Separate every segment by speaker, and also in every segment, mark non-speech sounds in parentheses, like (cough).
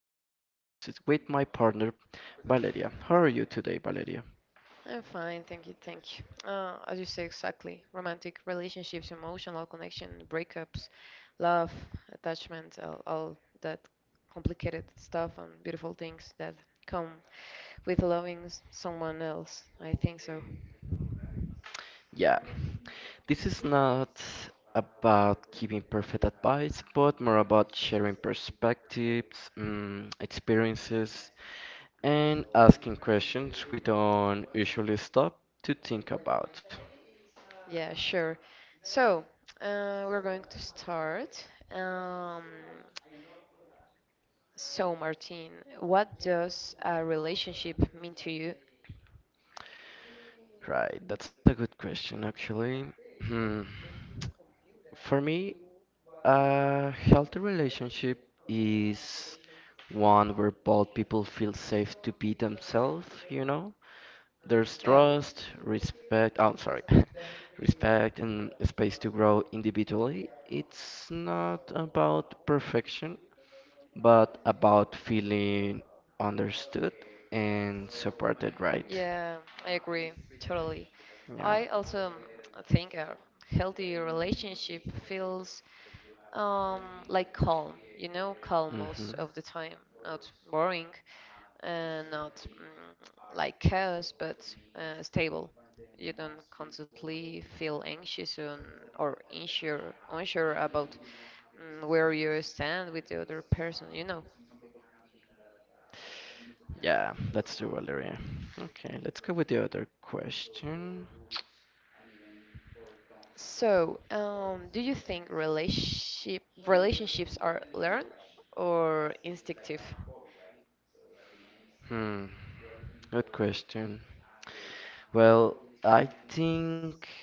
Speaker 1: or another relationship with my partner Valeria. How are you today, Valeria?
Speaker 2: I'm fine, thank you, thank you. As you say, exactly. Romantic relationships, emotional connection, breakups, love, attachment, all that complicated stuff and beautiful things that come with loving someone else. I think so.
Speaker 1: Yeah, this is not about giving perfect advice, but more about sharing perspectives, experiences, and asking questions we don't usually stop to think about.
Speaker 2: Yeah, sure. So, we're going to start. Um, so, Martin, what does a relationship mean to you?
Speaker 1: Right, that's a good question actually. Hmm. For me, a healthy relationship is one where both people feel safe to be themselves, you know? There's
Speaker 2: Yeah.
Speaker 1: trust, respect, oh, sorry, (laughs) respect and space to grow individually. It's not about perfection, but about feeling understood and supported, right?
Speaker 2: Yeah, I agree totally. I
Speaker 1: Yeah.
Speaker 2: also think a healthy relationship feels um, like calm, you know, calm
Speaker 1: Hmm.
Speaker 2: most of the time, not boring and not like chaos, but stable. You don't constantly feel anxious on, or unsure about where you stand with the other person, you know.
Speaker 1: Yeah, let's do Valeria. Okay, let's go with the other question.
Speaker 2: So, do you think relationships are learned or instinctive?
Speaker 1: Hmm, good question. Well, I think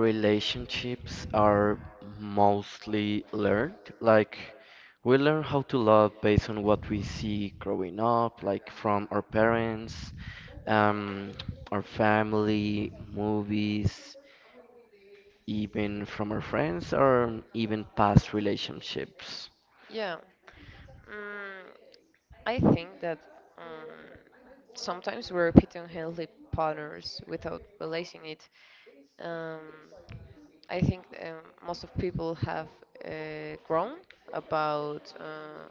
Speaker 1: relationships are mostly learned. Like, we learn how to love based on what we see growing up, like from our parents, um, our family, movies, even from our friends, or even past relationships.
Speaker 2: Yeah, mm, I think that um, sometimes we repeat unhealthy patterns without realizing it. Um, I think most of people have grown about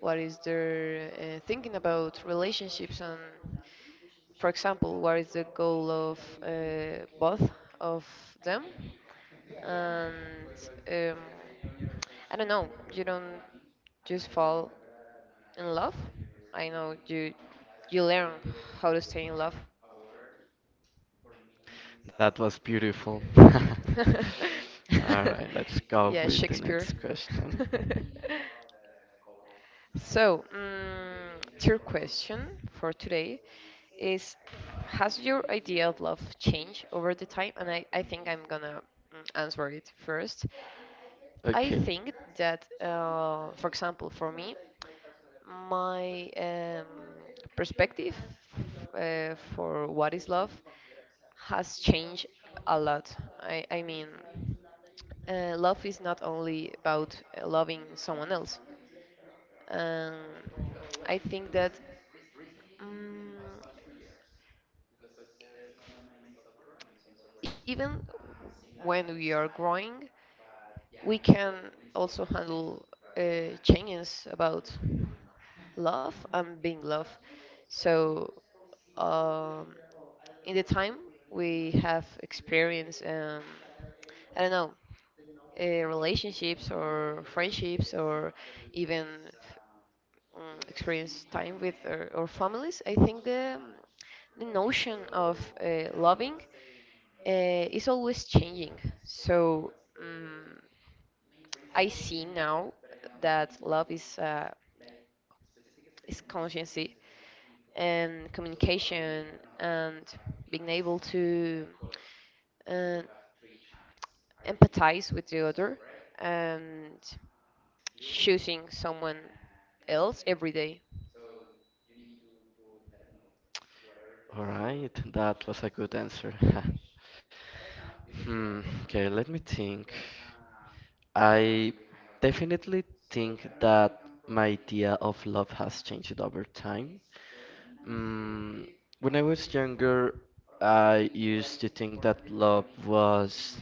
Speaker 2: what is their thinking about relationships and, for example, what is the goal of both of them? And um, I don't know. You don't just fall in love. I know you learn how to stay in love.
Speaker 1: That was beautiful. (laughs) All right, let's
Speaker 2: (laughs) Yeah,
Speaker 1: go with the
Speaker 2: Shakespeare.
Speaker 1: next
Speaker 2: (laughs)
Speaker 1: question.
Speaker 2: So, your question for today is, has your idea of love changed over the time? And I think I'm gonna answer it first. I
Speaker 1: Okay.
Speaker 2: think that, for example, for me, my perspective for what is love has changed a lot. I mean, love is not only about loving someone else. Um, I think that um, even when we are growing, we can also handle changes about love and being loved. So, um, in the time we have experience I don't know relationships or friendships or even experience time with our families, I think the notion of loving is always changing. So um, I see now that love is consciency and communication and being able to uh, empathize with the other and choosing someone else every day.
Speaker 1: All right, that was a good answer. (laughs) Okay, let me think. I definitely think that my idea of love has changed over time. Mm, when I was younger, I used to think that love was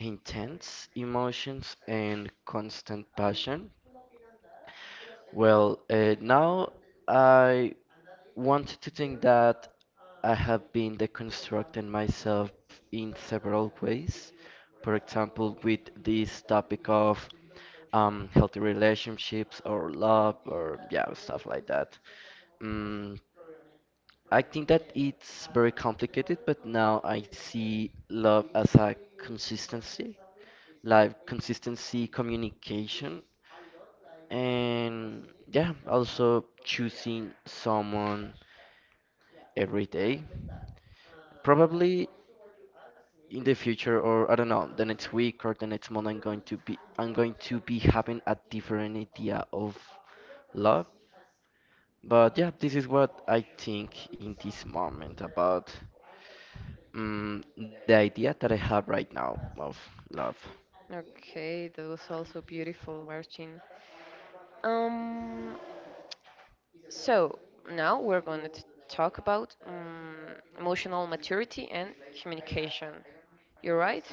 Speaker 1: intense emotions and constant passion. Well, now I wanted to think that I have been deconstructing myself in several ways. For example, with this topic of healthy relationships or love or yeah, stuff like that. Mm, I think that it's very complicated, but now I see love as a consistency, like consistency, communication, and yeah, also choosing someone every day. Probably in the future, or I don't know, the next week or the next month, I'm going to be having a different idea of love. But yeah, this is what I think in this moment about the idea that I have right now of love.
Speaker 2: Okay, that was also beautiful, Martin. Um, so now we're going to talk about emotional maturity and communication. You're right.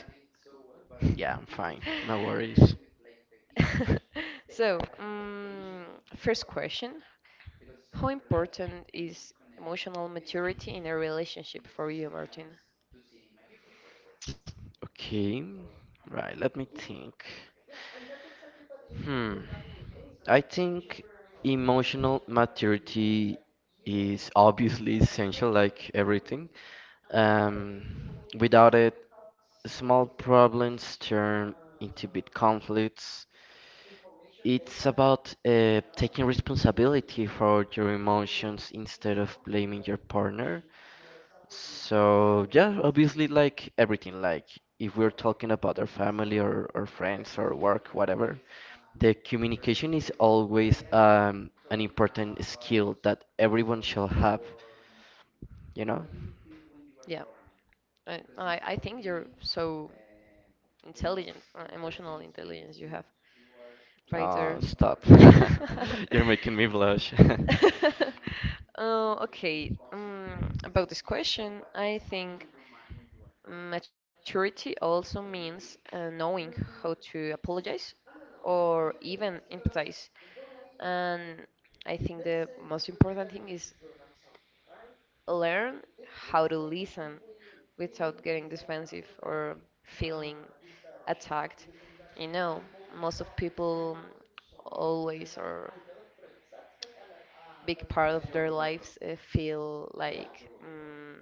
Speaker 1: Yeah, I'm fine. No worries.
Speaker 2: (laughs) So, first question: how important is emotional maturity in a relationship for you, Martin?
Speaker 1: Okay, right. Let me think. Hmm. I think emotional maturity is obviously essential, like everything. Um, without it, small problems turn into big conflicts. It's about taking responsibility for your emotions instead of blaming your partner. So, yeah, obviously, like everything, like if we're talking about our family or friends or work, whatever, the communication is always an important skill that everyone shall have, you know?
Speaker 2: I think you're so intelligent, emotional intelligence you have right there.
Speaker 1: Stop.
Speaker 2: (laughs)
Speaker 1: (laughs) You're making me blush. (laughs)
Speaker 2: Okay, about this question, I think maturity also means knowing how to apologize or even empathize. And I think the most important thing is learn how to listen without getting defensive or feeling attacked. You know, most of people always or big part of their lives feel like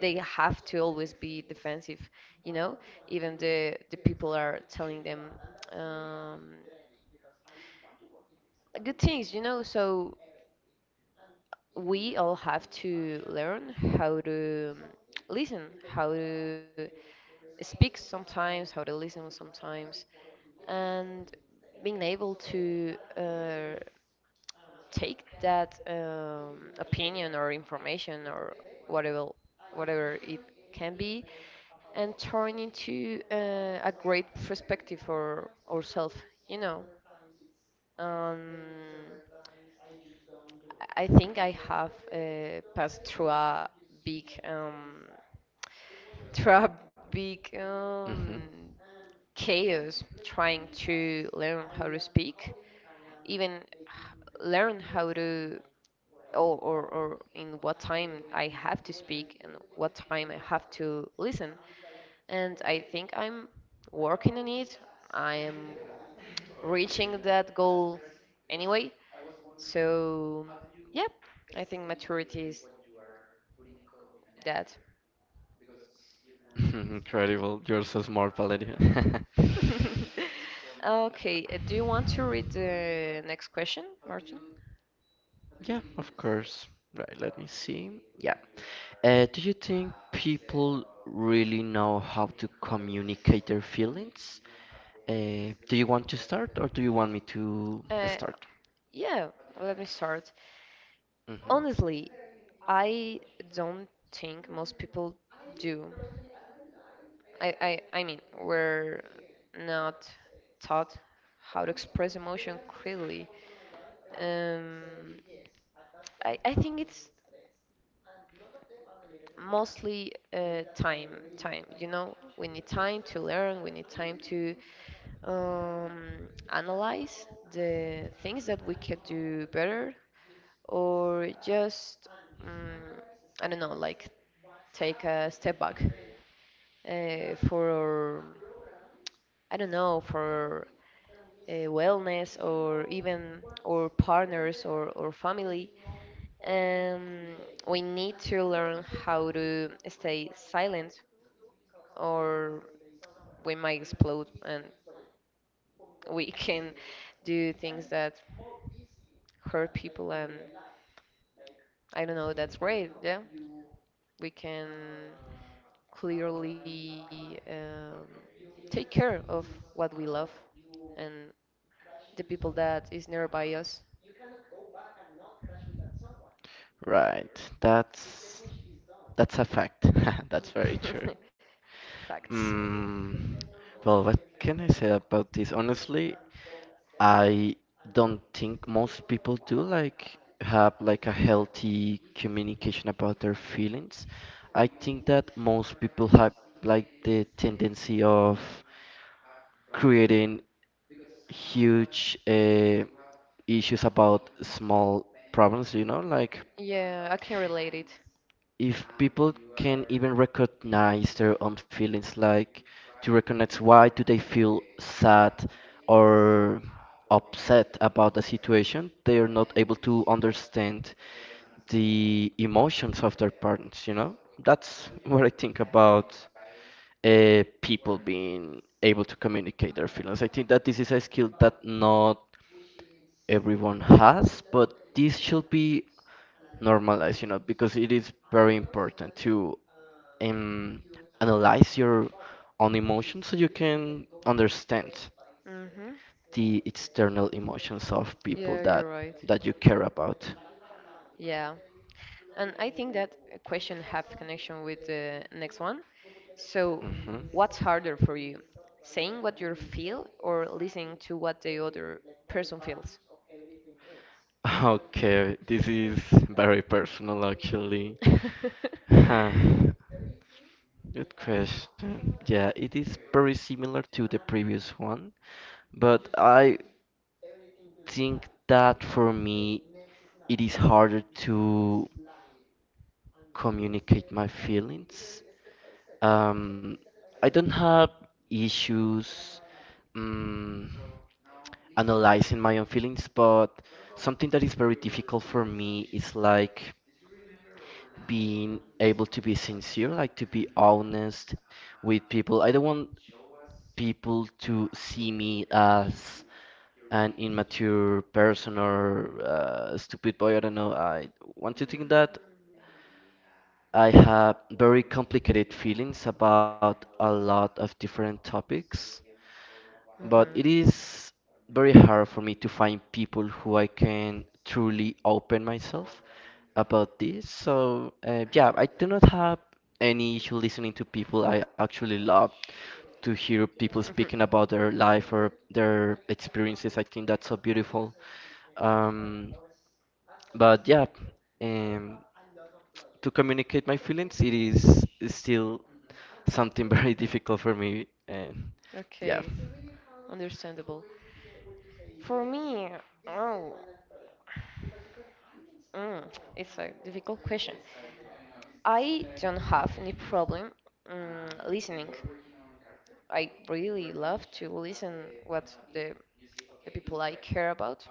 Speaker 2: they have to always be defensive. You know, even the people are telling them um, good things. You know, so we all have to learn how to listen, how to speaks sometimes, how they listen sometimes, and being able to take that opinion or information or whatever whatever it can be and turn into a great perspective for ourselves, you know. Um, I I think I have passed through a big (laughs) through a big
Speaker 1: Hmm.
Speaker 2: chaos trying to learn how to speak, even learn how to or, or in what time I have to speak and what time I have to listen. And I think I'm working on it. I am reaching that goal anyway. So, yeah, I think maturity is that.
Speaker 1: (laughs) Incredible. You're so smart, Valeria. (laughs)
Speaker 2: (laughs) Okay, do you want to read the next question, Martin?
Speaker 1: Yeah, of course. Right, let me see. Yeah. Do you think people really know how to communicate their feelings? Do you want to start or do you want me to
Speaker 2: Uh,
Speaker 1: start?
Speaker 2: yeah, let me start.
Speaker 1: Hmm.
Speaker 2: Honestly, I don't think most people do. I mean, we're not taught how to express emotion clearly. Um, I think it's mostly time, you know? We need time to learn, we need time to analyze the things that we could do better, or just, um, I don't know, like take a step back for I don't know for wellness or even our partners or family. Um, we need to learn how to stay silent, or we might explode and we (laughs) can do things that hurt people. And I don't know. That's great. Yeah, we can clearly take care of what we love and the people that is nearby us.
Speaker 1: Right. That's that's a fact. (laughs) That's very true.
Speaker 2: (laughs) Facts.
Speaker 1: Mm, well, what can I say about this? Honestly, I don't think most people do like have like a healthy communication about their feelings. I think that most people have like the tendency of creating huge issues about small problems, like
Speaker 2: Yeah, I can relate it.
Speaker 1: if people can even recognize their own feelings, like to recognize why do they feel sad or upset about the situation, they are not able to understand the emotions of their parents. You know, that's what I think about people being able to communicate their feelings. I think that this is a skill that not everyone has, but this should be normalize, you know, because it is very important to um, analyze your own emotions so you can understand
Speaker 2: Mm-hmm.
Speaker 1: the external emotions of people
Speaker 2: Yeah, you're
Speaker 1: that
Speaker 2: right.
Speaker 1: that you care about.
Speaker 2: Yeah. And I think that question have connection with the next one. So,
Speaker 1: Mhm.
Speaker 2: what's harder for you? Saying what you feel or listening to what the other person feels?
Speaker 1: Okay, this is very personal actually. (sighs)
Speaker 2: (laughs)
Speaker 1: Huh, good question. Yeah, it is very similar to the previous one, but I think that for me it is harder to communicate my feelings. Um, I don't have issues um, analyzing my own feelings, but something that is very difficult for me is like being able to be sincere, like to be honest with people. I don't want people to see me as an immature person or stupid boy. I don't know. I want to think that I have very complicated feelings about a lot of different topics, but it is very hard for me to find people who I can truly open myself about this. So, yeah, I do not have any issue listening to people. I actually love to hear people speaking about their life or their experiences. I think that's so beautiful. Um, but yeah, um, to communicate my feelings, it is still something (laughs) very difficult for me. And yeah.
Speaker 2: Okay, understandable. For me, oh, mm, it's a difficult question. I don't have any problem listening. I really love to listen what the people I care about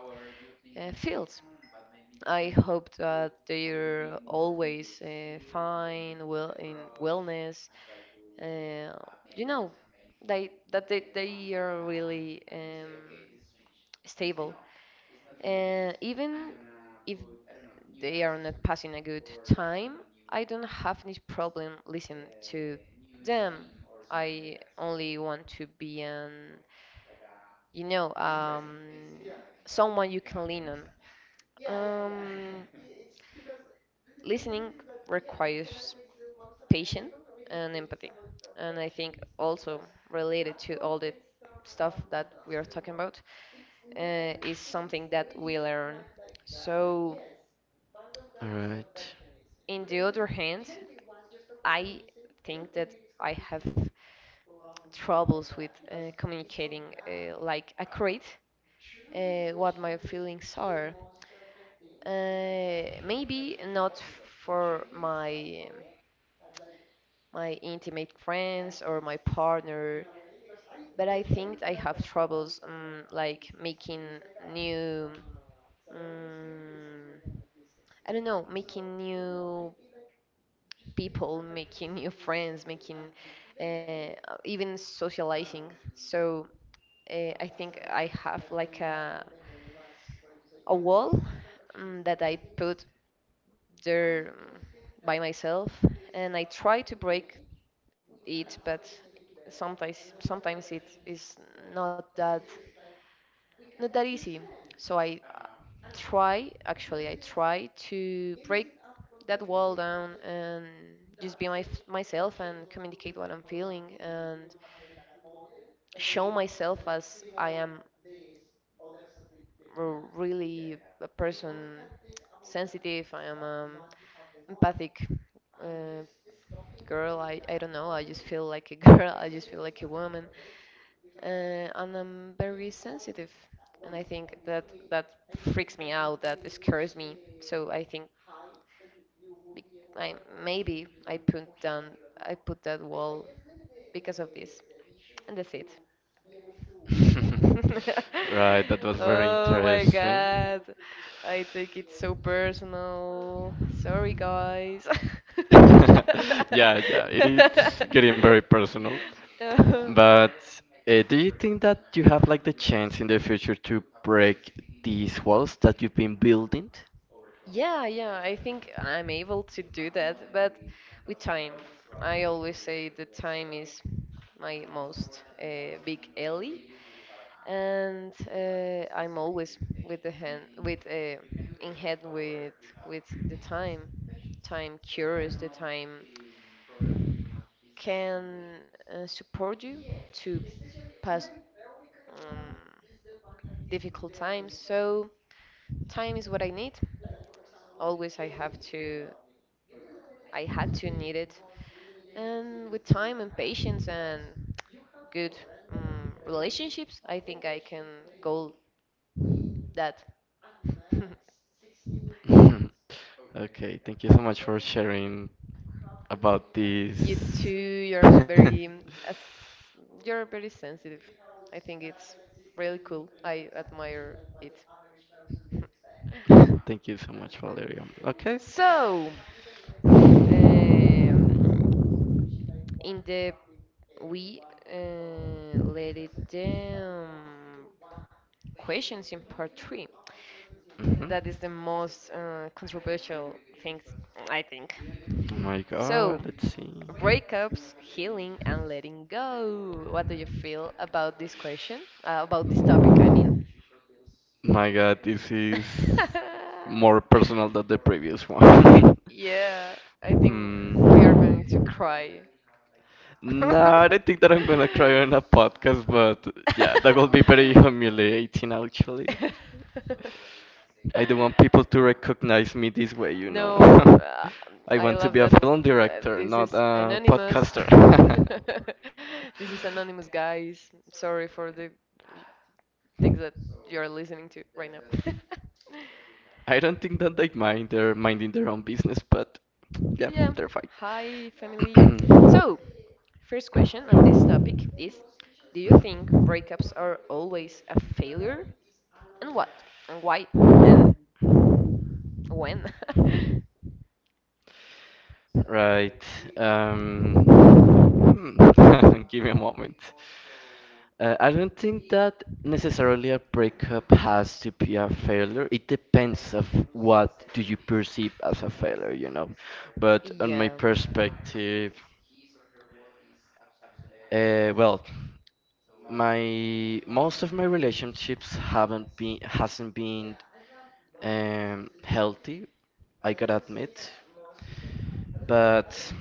Speaker 2: feels. I hope that they're always fine, well in wellness. Uh, you know, they are really stable. Even if they are not passing a good time, I don't have any problem listening to them. I only want to be an, you know, someone you can lean on. Um, Listening requires patience and empathy. And I think also related to all the stuff that we are talking about is something that we learn. So,
Speaker 1: All right.
Speaker 2: in the other hand, I think that I have troubles with communicating like accurate what my feelings are. Maybe not for my intimate friends or my partner, but I think I have troubles like making new. Um, I don't know, making new people, making new friends, making uh, even socializing. So I think I have like a wall that I put there by myself, and I try to break it, but sometimes it is not that not that easy. So I try, actually I try to break that wall down and just be myself and communicate what I'm feeling and show myself as I am really a person sensitive. I am empathic uh, girl. I don't know. I just feel like a (laughs) girl. I just feel like a woman, and I'm very sensitive. And I think that that freaks me out. That scares me. So I think be- I maybe I put that wall because of this, and that's it. (laughs)
Speaker 1: (laughs) Right, that was very
Speaker 2: Oh my
Speaker 1: interesting.
Speaker 2: god. I take it so personal. Sorry, guys. (laughs)
Speaker 1: (laughs) Yeah, yeah, it is getting very personal.
Speaker 2: Uh,
Speaker 1: But do you think that you have like the chance in the future to break these walls that you've been building?
Speaker 2: yeah, yeah, I think I'm able to do that, but with time. I always say that time is my most big ally, and I'm always with the hand with in head with the time. Time cures. The time can support you to pass um, difficult times. So time is what I need. Always I have to. I had to need it. And with time and patience and good relationships, I think I can goal that. (laughs)
Speaker 1: (laughs) Okay, thank you so much for sharing about
Speaker 2: You too,
Speaker 1: this.
Speaker 2: you're very
Speaker 1: (laughs)
Speaker 2: as you're very sensitive. I think it's really cool. I admire it. (laughs)
Speaker 1: Thank you so much, Valeria. Okay.
Speaker 2: So, in the we let it down questions in part three. That is the
Speaker 1: Hmm.
Speaker 2: most controversial things I think.
Speaker 1: Oh my
Speaker 2: So,
Speaker 1: God, let's see.
Speaker 2: breakups, healing, and letting go. What do you feel about this question? About this topic, I mean.
Speaker 1: My God, this is
Speaker 2: (laughs)
Speaker 1: more personal than the previous one. (laughs)
Speaker 2: Yeah, I think we are going to
Speaker 1: Hmm.
Speaker 2: cry. (laughs)
Speaker 1: No, I don't think that I'm gonna cry on a podcast, but yeah, that will be very humiliating actually. I don't want people to recognize me this way.
Speaker 2: No,
Speaker 1: (laughs) I
Speaker 2: I
Speaker 1: want to
Speaker 2: love
Speaker 1: be a
Speaker 2: that.
Speaker 1: film director,
Speaker 2: This
Speaker 1: not
Speaker 2: is
Speaker 1: a
Speaker 2: anonymous.
Speaker 1: podcaster. (laughs)
Speaker 2: (laughs) This is anonymous, guys. Sorry for the things that you are listening to right now.
Speaker 1: I don't think that they mind. They're minding their own business, but
Speaker 2: (laughs)
Speaker 1: yeah,
Speaker 2: Yeah.
Speaker 1: they're fine.
Speaker 2: Hi, family. So,
Speaker 1: (clears throat)
Speaker 2: first question of this topic is, do you think breakups are always a failure? And what? And why? When?
Speaker 1: Right. (laughs) Give me a moment. I don't think that necessarily a breakup has to be a failure. It depends of what do you perceive as a failure.
Speaker 2: (laughs)
Speaker 1: But on my
Speaker 2: Yeah.
Speaker 1: perspective, well, my most of my relationships haven't been hasn't been healthy, I gotta admit. But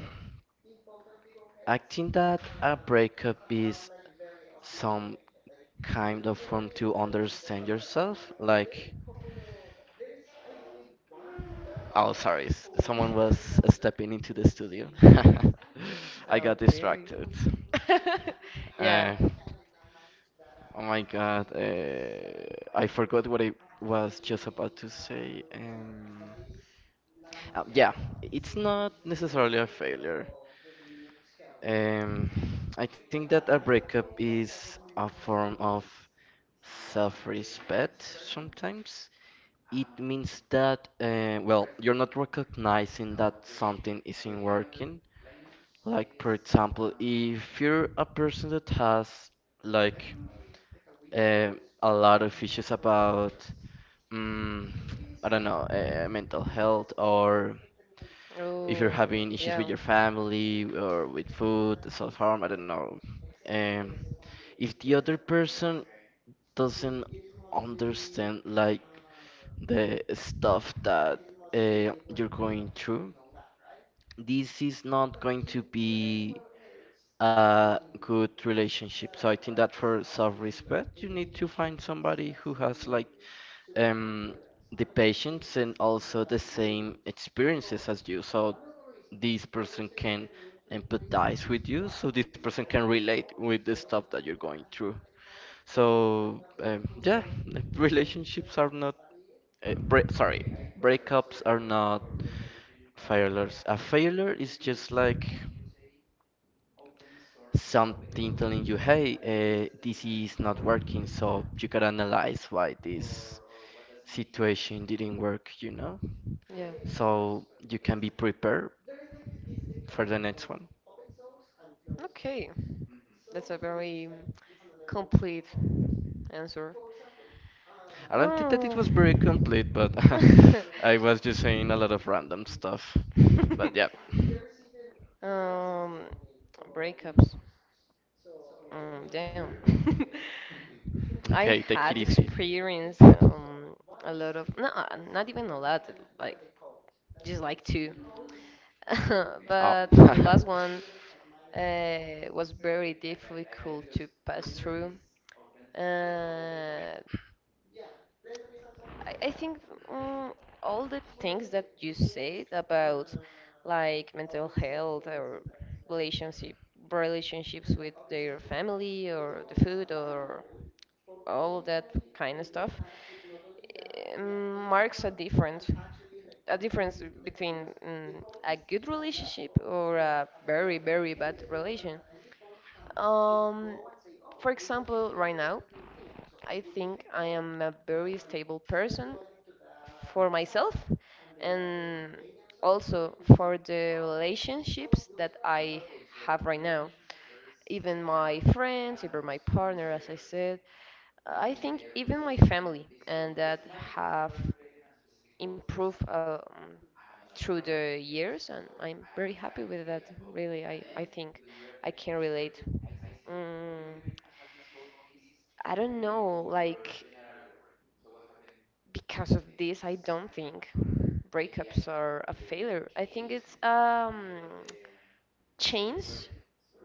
Speaker 1: I think that a breakup is some kind of form to understand yourself. Like, oh, sorry, someone was stepping into the studio. (laughs) I got
Speaker 2: Okay.
Speaker 1: distracted.
Speaker 2: (laughs)
Speaker 1: Uh,
Speaker 2: Yeah.
Speaker 1: oh my God, I forgot what I was just about to say. Yeah, it's not necessarily a failure. Um, I think that a breakup is a form of self-respect sometimes. It means that, well, you're not recognizing that something isn't working. Like, for example, if you're a person that has, like, uh, a lot of issues about, mm, I don't know, mental health, or if
Speaker 2: Oh,
Speaker 1: you're having issues
Speaker 2: yeah.
Speaker 1: with your family or with food, self-harm, I don't know, um, if the other person doesn't understand like the stuff that you're going through, this is not going to be a good relationship. So I think that for self-respect, you need to find somebody who has like um, the patience and also the same experiences as you. So this person can empathize with you, so this person can relate with the stuff that you're going through. So yeah, (laughs) relationships are not bre sorry, breakups are not failures. A failure is just like something telling you, hey, this is not working, so you can analyze why this situation didn't work, you know?
Speaker 2: Yeah.
Speaker 1: So you can be prepared for the next one.
Speaker 2: Okay. That's a very complete answer.
Speaker 1: I don't think that
Speaker 2: Oh.
Speaker 1: it was very complete, but (laughs)
Speaker 2: (laughs)
Speaker 1: I was just saying a lot of random stuff. But yeah.
Speaker 2: um, breakups. Damn. (laughs) I
Speaker 1: Okay, take it
Speaker 2: had
Speaker 1: easy.
Speaker 2: experienced
Speaker 1: (laughs)
Speaker 2: a lot of no, not even a lot, like just like two. (laughs)
Speaker 1: Oh.
Speaker 2: But the last
Speaker 1: (laughs)
Speaker 2: one was very difficult to pass through. Uh, I think um, all the things that you said about like mental health or relationship relationships with their family or the food or all that kind of stuff marks a difference between a good relationship or a very bad relation. um, for example, right now I think I am a very stable person for myself, and also for the relationships that I have right now. Even my friends, even my partner, as I said, I think even my family, and that have improved through the years, and I'm very happy with that. Really, I think I can relate. Mm, I don't know, like because of this, I don't think breakups are a failure. I think it's chance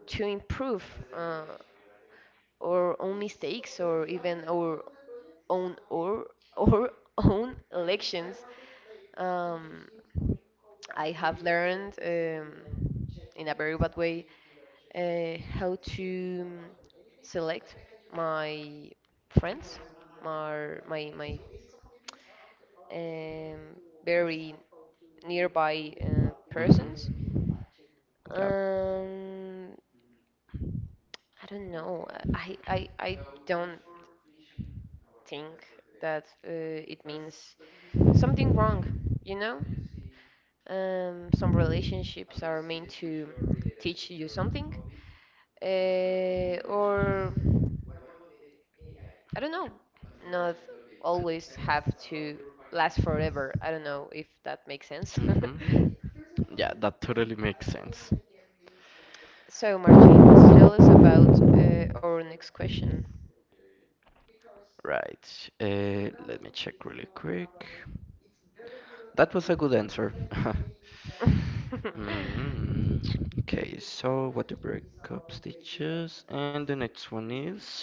Speaker 2: to improve uh, our own mistakes or even our own or or (laughs) own elections. Um, I have learned in a very bad way how to select my friends, my um, very nearby persons.
Speaker 1: Mhm. Yep.
Speaker 2: Um, I don't know. I don't think that it means something wrong, you know? Some relationships are meant to teach you something, or I don't know, not always have to last forever. I don't know if that makes sense.
Speaker 1: Mhm.
Speaker 2: (laughs)
Speaker 1: Yeah, (laughs) that totally makes sense.
Speaker 2: So, tell us about our next question.
Speaker 1: Right. Let me check really quick. That was a good answer. (laughs) Mm, okay, so what the breakup teach. And the next one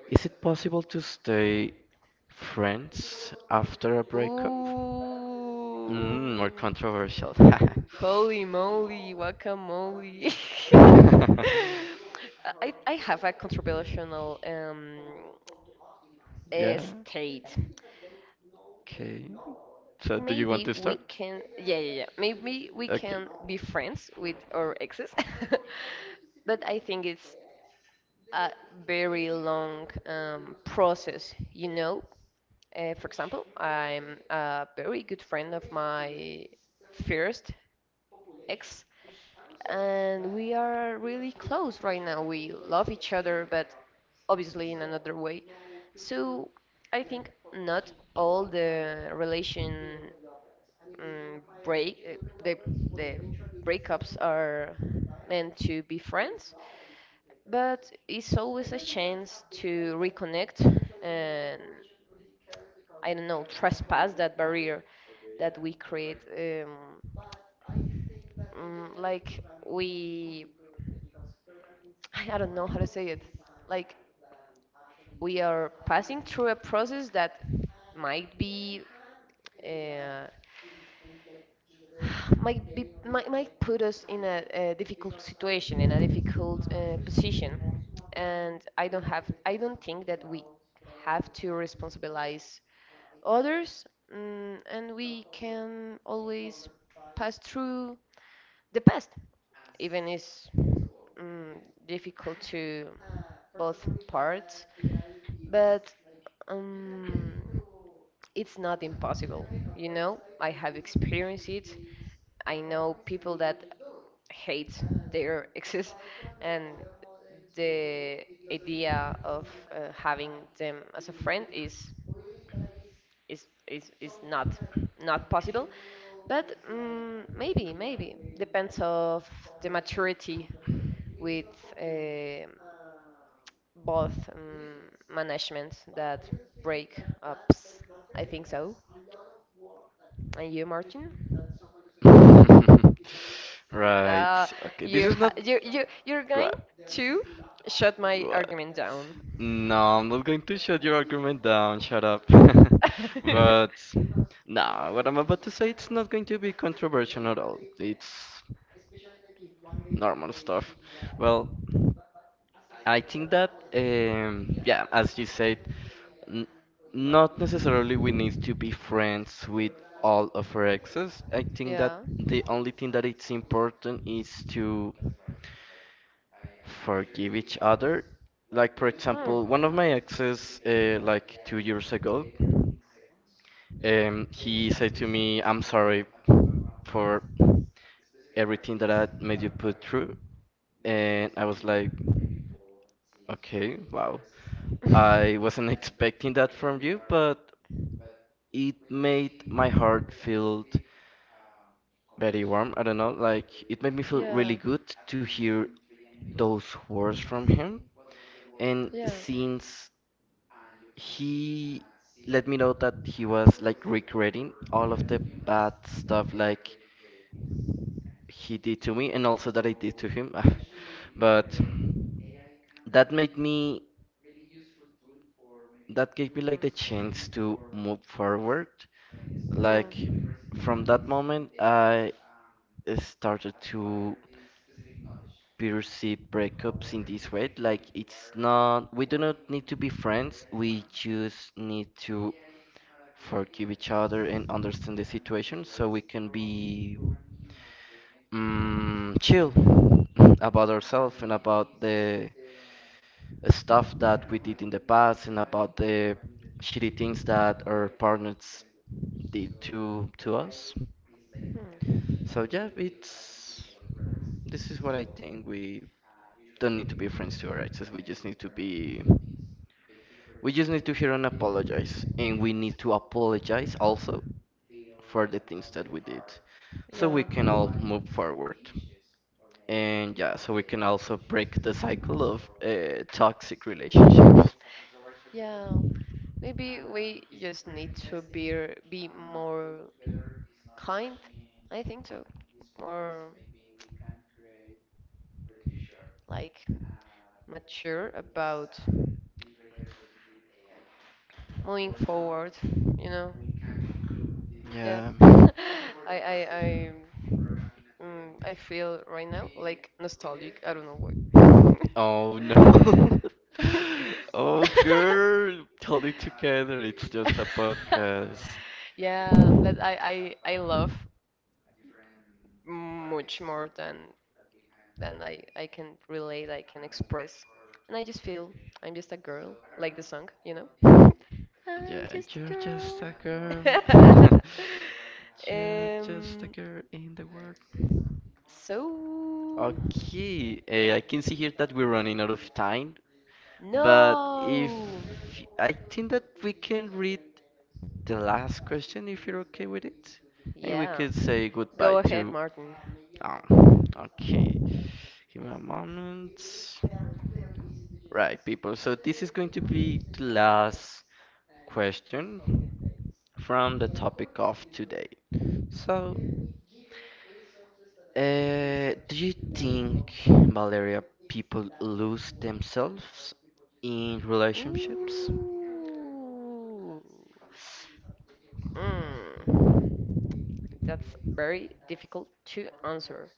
Speaker 1: is it possible to stay friends after a
Speaker 2: (laughs) Ooh.
Speaker 1: breakup? More controversial. (laughs)
Speaker 2: Holy moly, guacamole. (laughs) I have a controversial
Speaker 1: Yeah,
Speaker 2: state.
Speaker 1: okay. So do you want
Speaker 2: Maybe
Speaker 1: to
Speaker 2: we
Speaker 1: start?
Speaker 2: can, yeah, yeah, yeah. Maybe we
Speaker 1: Okay.
Speaker 2: can be friends with our exes, (laughs) but I think it's a very long process, you know. For example, I'm a very good friend of my first ex, and we are really close right now. We love each other, but obviously in another way. So I think not all the um, break, uh, the the breakups are meant to be friends. But it's always a chance to reconnect and I don't know, trespass that barrier that we create. Mm, like we, (sighs) I don't know how to say it. Like we are passing through a process that might be uh, (sighs) might put us in a difficult situation in a difficult position, and I don't think that we have to responsibilize others, mm, and we can always pass through the past, even it's mm, difficult to both parts. But um, it's not impossible, you know. I have experienced it. I know people that hate their (laughs) exes, and the idea of having them as a friend is not possible. But mm, maybe, maybe depends of the maturity with eh, both managements that break ups. I think so. And you, Martin?
Speaker 1: (laughs) Right.
Speaker 2: Uh,
Speaker 1: Okay. This
Speaker 2: you
Speaker 1: is
Speaker 2: ha
Speaker 1: not —
Speaker 2: you you you're going
Speaker 1: what.
Speaker 2: to shut my
Speaker 1: What?
Speaker 2: argument down.
Speaker 1: No, I'm not going to shut your argument down. Shut up. (laughs)
Speaker 2: (laughs)
Speaker 1: But no, what I'm about to say it's not going to be controversial at all. It's normal stuff. Well, I think that yeah, as you said, N- not necessarily we need to be friends with all of our exes. I think that
Speaker 2: Yeah.
Speaker 1: the only thing that it's important is to forgive each other. Like for
Speaker 2: Hmm.
Speaker 1: example, one of my exes, like 2 years ago, he said to me, "I'm sorry for everything that I made you put through," and I was like, "Okay, wow, I wasn't (laughs) expecting that from you, but." It made my heart feel very warm. I don't know, like it made me feel
Speaker 2: Yeah.
Speaker 1: really good to hear those words from him. And since he let me know that he was like regretting all of the bad stuff like he did to me and also that I did to him. (laughs) But that made me that gave me like the chance to move forward. Like from that moment I started to perceive breakups in this way. Like it's not we do not need to be friends. We just need to forgive each other and understand the situation so we can be chill (laughs) about ourselves and about the stuff that we did in the past and about the shitty things that our partners did to us. So yeah, it's this is what I think. We don't need to be friends to our exes. We just need to be we just need to hear and apologize, and we need to apologize also for the things that we did, so we can all move forward. And yeah, so we can also break the cycle of toxic relationships.
Speaker 2: Yeah, maybe we just need to be more kind. I think so. More like mature about moving forward, you know. Yeah.
Speaker 1: Yeah.
Speaker 2: (laughs) I I I Mm, I feel right now like nostalgic. I don't know why.
Speaker 1: Oh no. (laughs)
Speaker 2: (laughs)
Speaker 1: Oh, girl, hold it together. It's just a podcast.
Speaker 2: Yeah, that I love much more than I can relate, I can express. And I just feel I'm just a girl, like the song, you know? (laughs) I'm
Speaker 1: Yeah,
Speaker 2: just a
Speaker 1: you're
Speaker 2: girl.
Speaker 1: just a girl.
Speaker 2: (laughs)
Speaker 1: (laughs) You're just a
Speaker 2: Um,
Speaker 1: girl in the world.
Speaker 2: so
Speaker 1: Okay, I can see here that we're running out of time, but if
Speaker 2: no.
Speaker 1: I think that we can read the last question if you're okay with it, and we
Speaker 2: Yeah.
Speaker 1: could say goodbye
Speaker 2: Go ahead,
Speaker 1: to.
Speaker 2: Martin.
Speaker 1: Okay, give me a moment. Right, people. So this is going to be the last question from the topic of today. So, do you think, Valeria, people lose themselves in relationships?
Speaker 2: Ooh. Mm. That's very difficult to answer.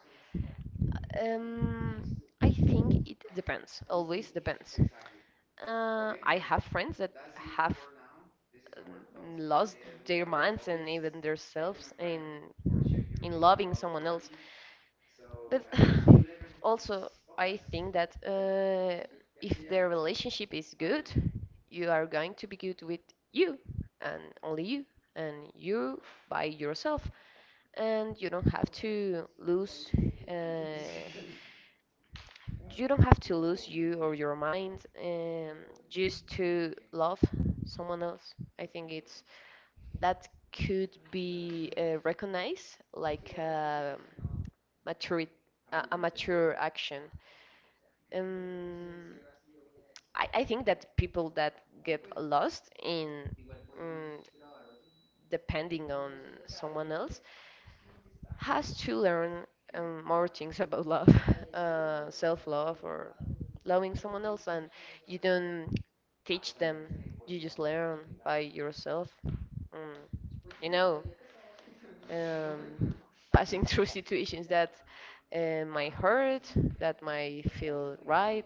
Speaker 2: Um, I think it depends. Always depends. I have friends that have um, lost their minds and even their selves in loving someone else. But (sighs) also, I think that if their relationship is good, you are going to be good with you and only you and you by yourself, and you don't have to lose. Uh, you don't have to lose you or your mind, just to love someone else. I think it's that could be recognized like um, mature, a mature action, um, I think that people that get lost in um, depending on someone else has to learn more things about love, (laughs) self-love, or loving someone else, and you don't teach them, you just learn by yourself, um, you know, um, passing (laughs) through situations that might hurt, that might feel right,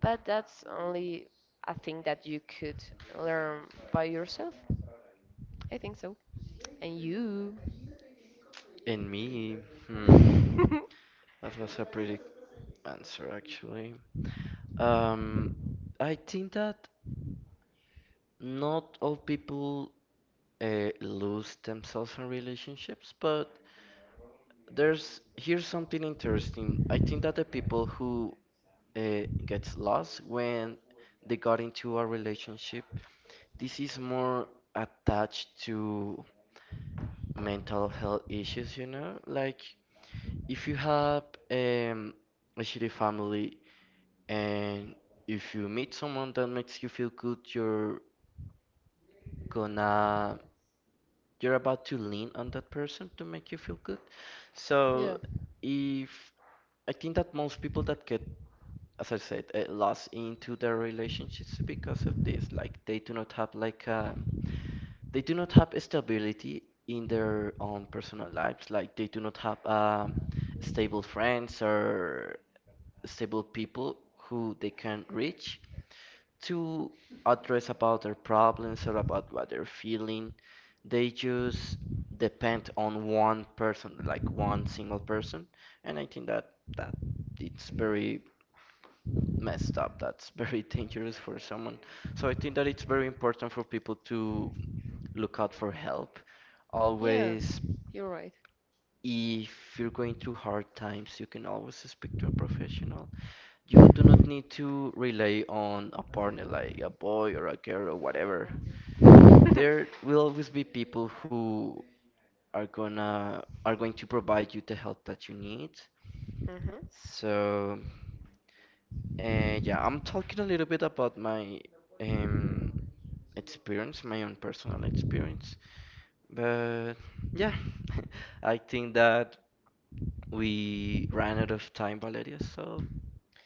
Speaker 2: but that's only a thing that you could learn by yourself, I think so. And you?
Speaker 1: And me, hmm,
Speaker 2: (laughs)
Speaker 1: That was a pretty answer, actually. Um, I think that not all people lose themselves in relationships, but there's here's something interesting. I think that the people who gets lost when they got into a relationship, this is more attached to mental health issues, you know? Like if you have um, a shitty family. And if you meet someone that makes you feel good, gonna, you're about to lean on that person to make you feel good.
Speaker 2: Yeah,
Speaker 1: So if I think that most people that get, as I said, lost into their relationships because of this, like they do not have like they do not have stability in their own personal lives. Like they do not have stable friends or stable people who they can reach to address about their problems or about what they're feeling. They just depend on one person, like one single person, and I think that that it's very messed up. That's very (laughs) dangerous for someone. So I think that it's very important for people to look out for help.
Speaker 2: yeah,
Speaker 1: Always,
Speaker 2: you're right.
Speaker 1: if you're going through hard times, you can always speak to a professional. You do not need to rely on a partner like a boy or a girl or whatever.
Speaker 2: (laughs) Hmm.
Speaker 1: There will always be people who are going to provide you the help that you need. So, yeah, I'm talking a little bit about my um experience, my own personal experience. But yeah, (laughs) I think that we ran out of time, Valeria, so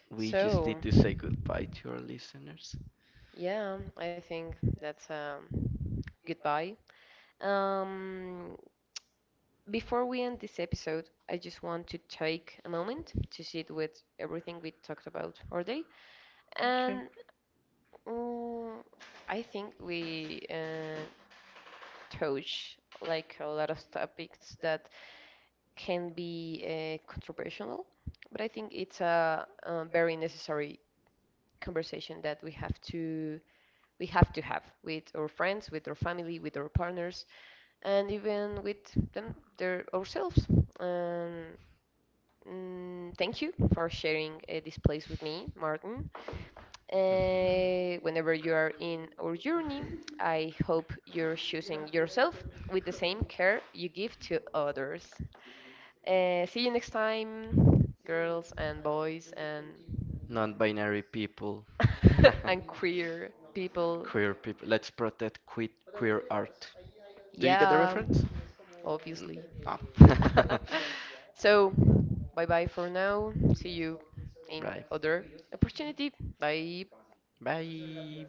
Speaker 1: we just need
Speaker 2: So,
Speaker 1: to say goodbye to our listeners.
Speaker 2: yeah, I think that's goodbye. Um, Before we end this episode, I just want to take a moment to sit with everything we talked about all day,
Speaker 1: Okay.
Speaker 2: and mm, I think we touch like a lot of topics that can be controversial, but I think it's a, uh, very necessary conversation that we have to have with our friends, with our family, with our partners, and even with them, their ourselves. And mm, thank you for sharing this place with me, Martin.
Speaker 1: Mhm.
Speaker 2: Whenever you are in our journey, I hope you're choosing yourself with the same care you give to others. See you next time, girls and boys and
Speaker 1: Non-binary people. (laughs)
Speaker 2: (laughs) and queer people.
Speaker 1: Queer people. Let's protect queer art. Do you get the
Speaker 2: Yeah,
Speaker 1: reference? N-
Speaker 2: obviously.
Speaker 1: No.
Speaker 2: (laughs)
Speaker 1: (laughs)
Speaker 2: So, bye bye for now. See you in
Speaker 1: Right.
Speaker 2: other opportunity. Bye.
Speaker 1: Bye.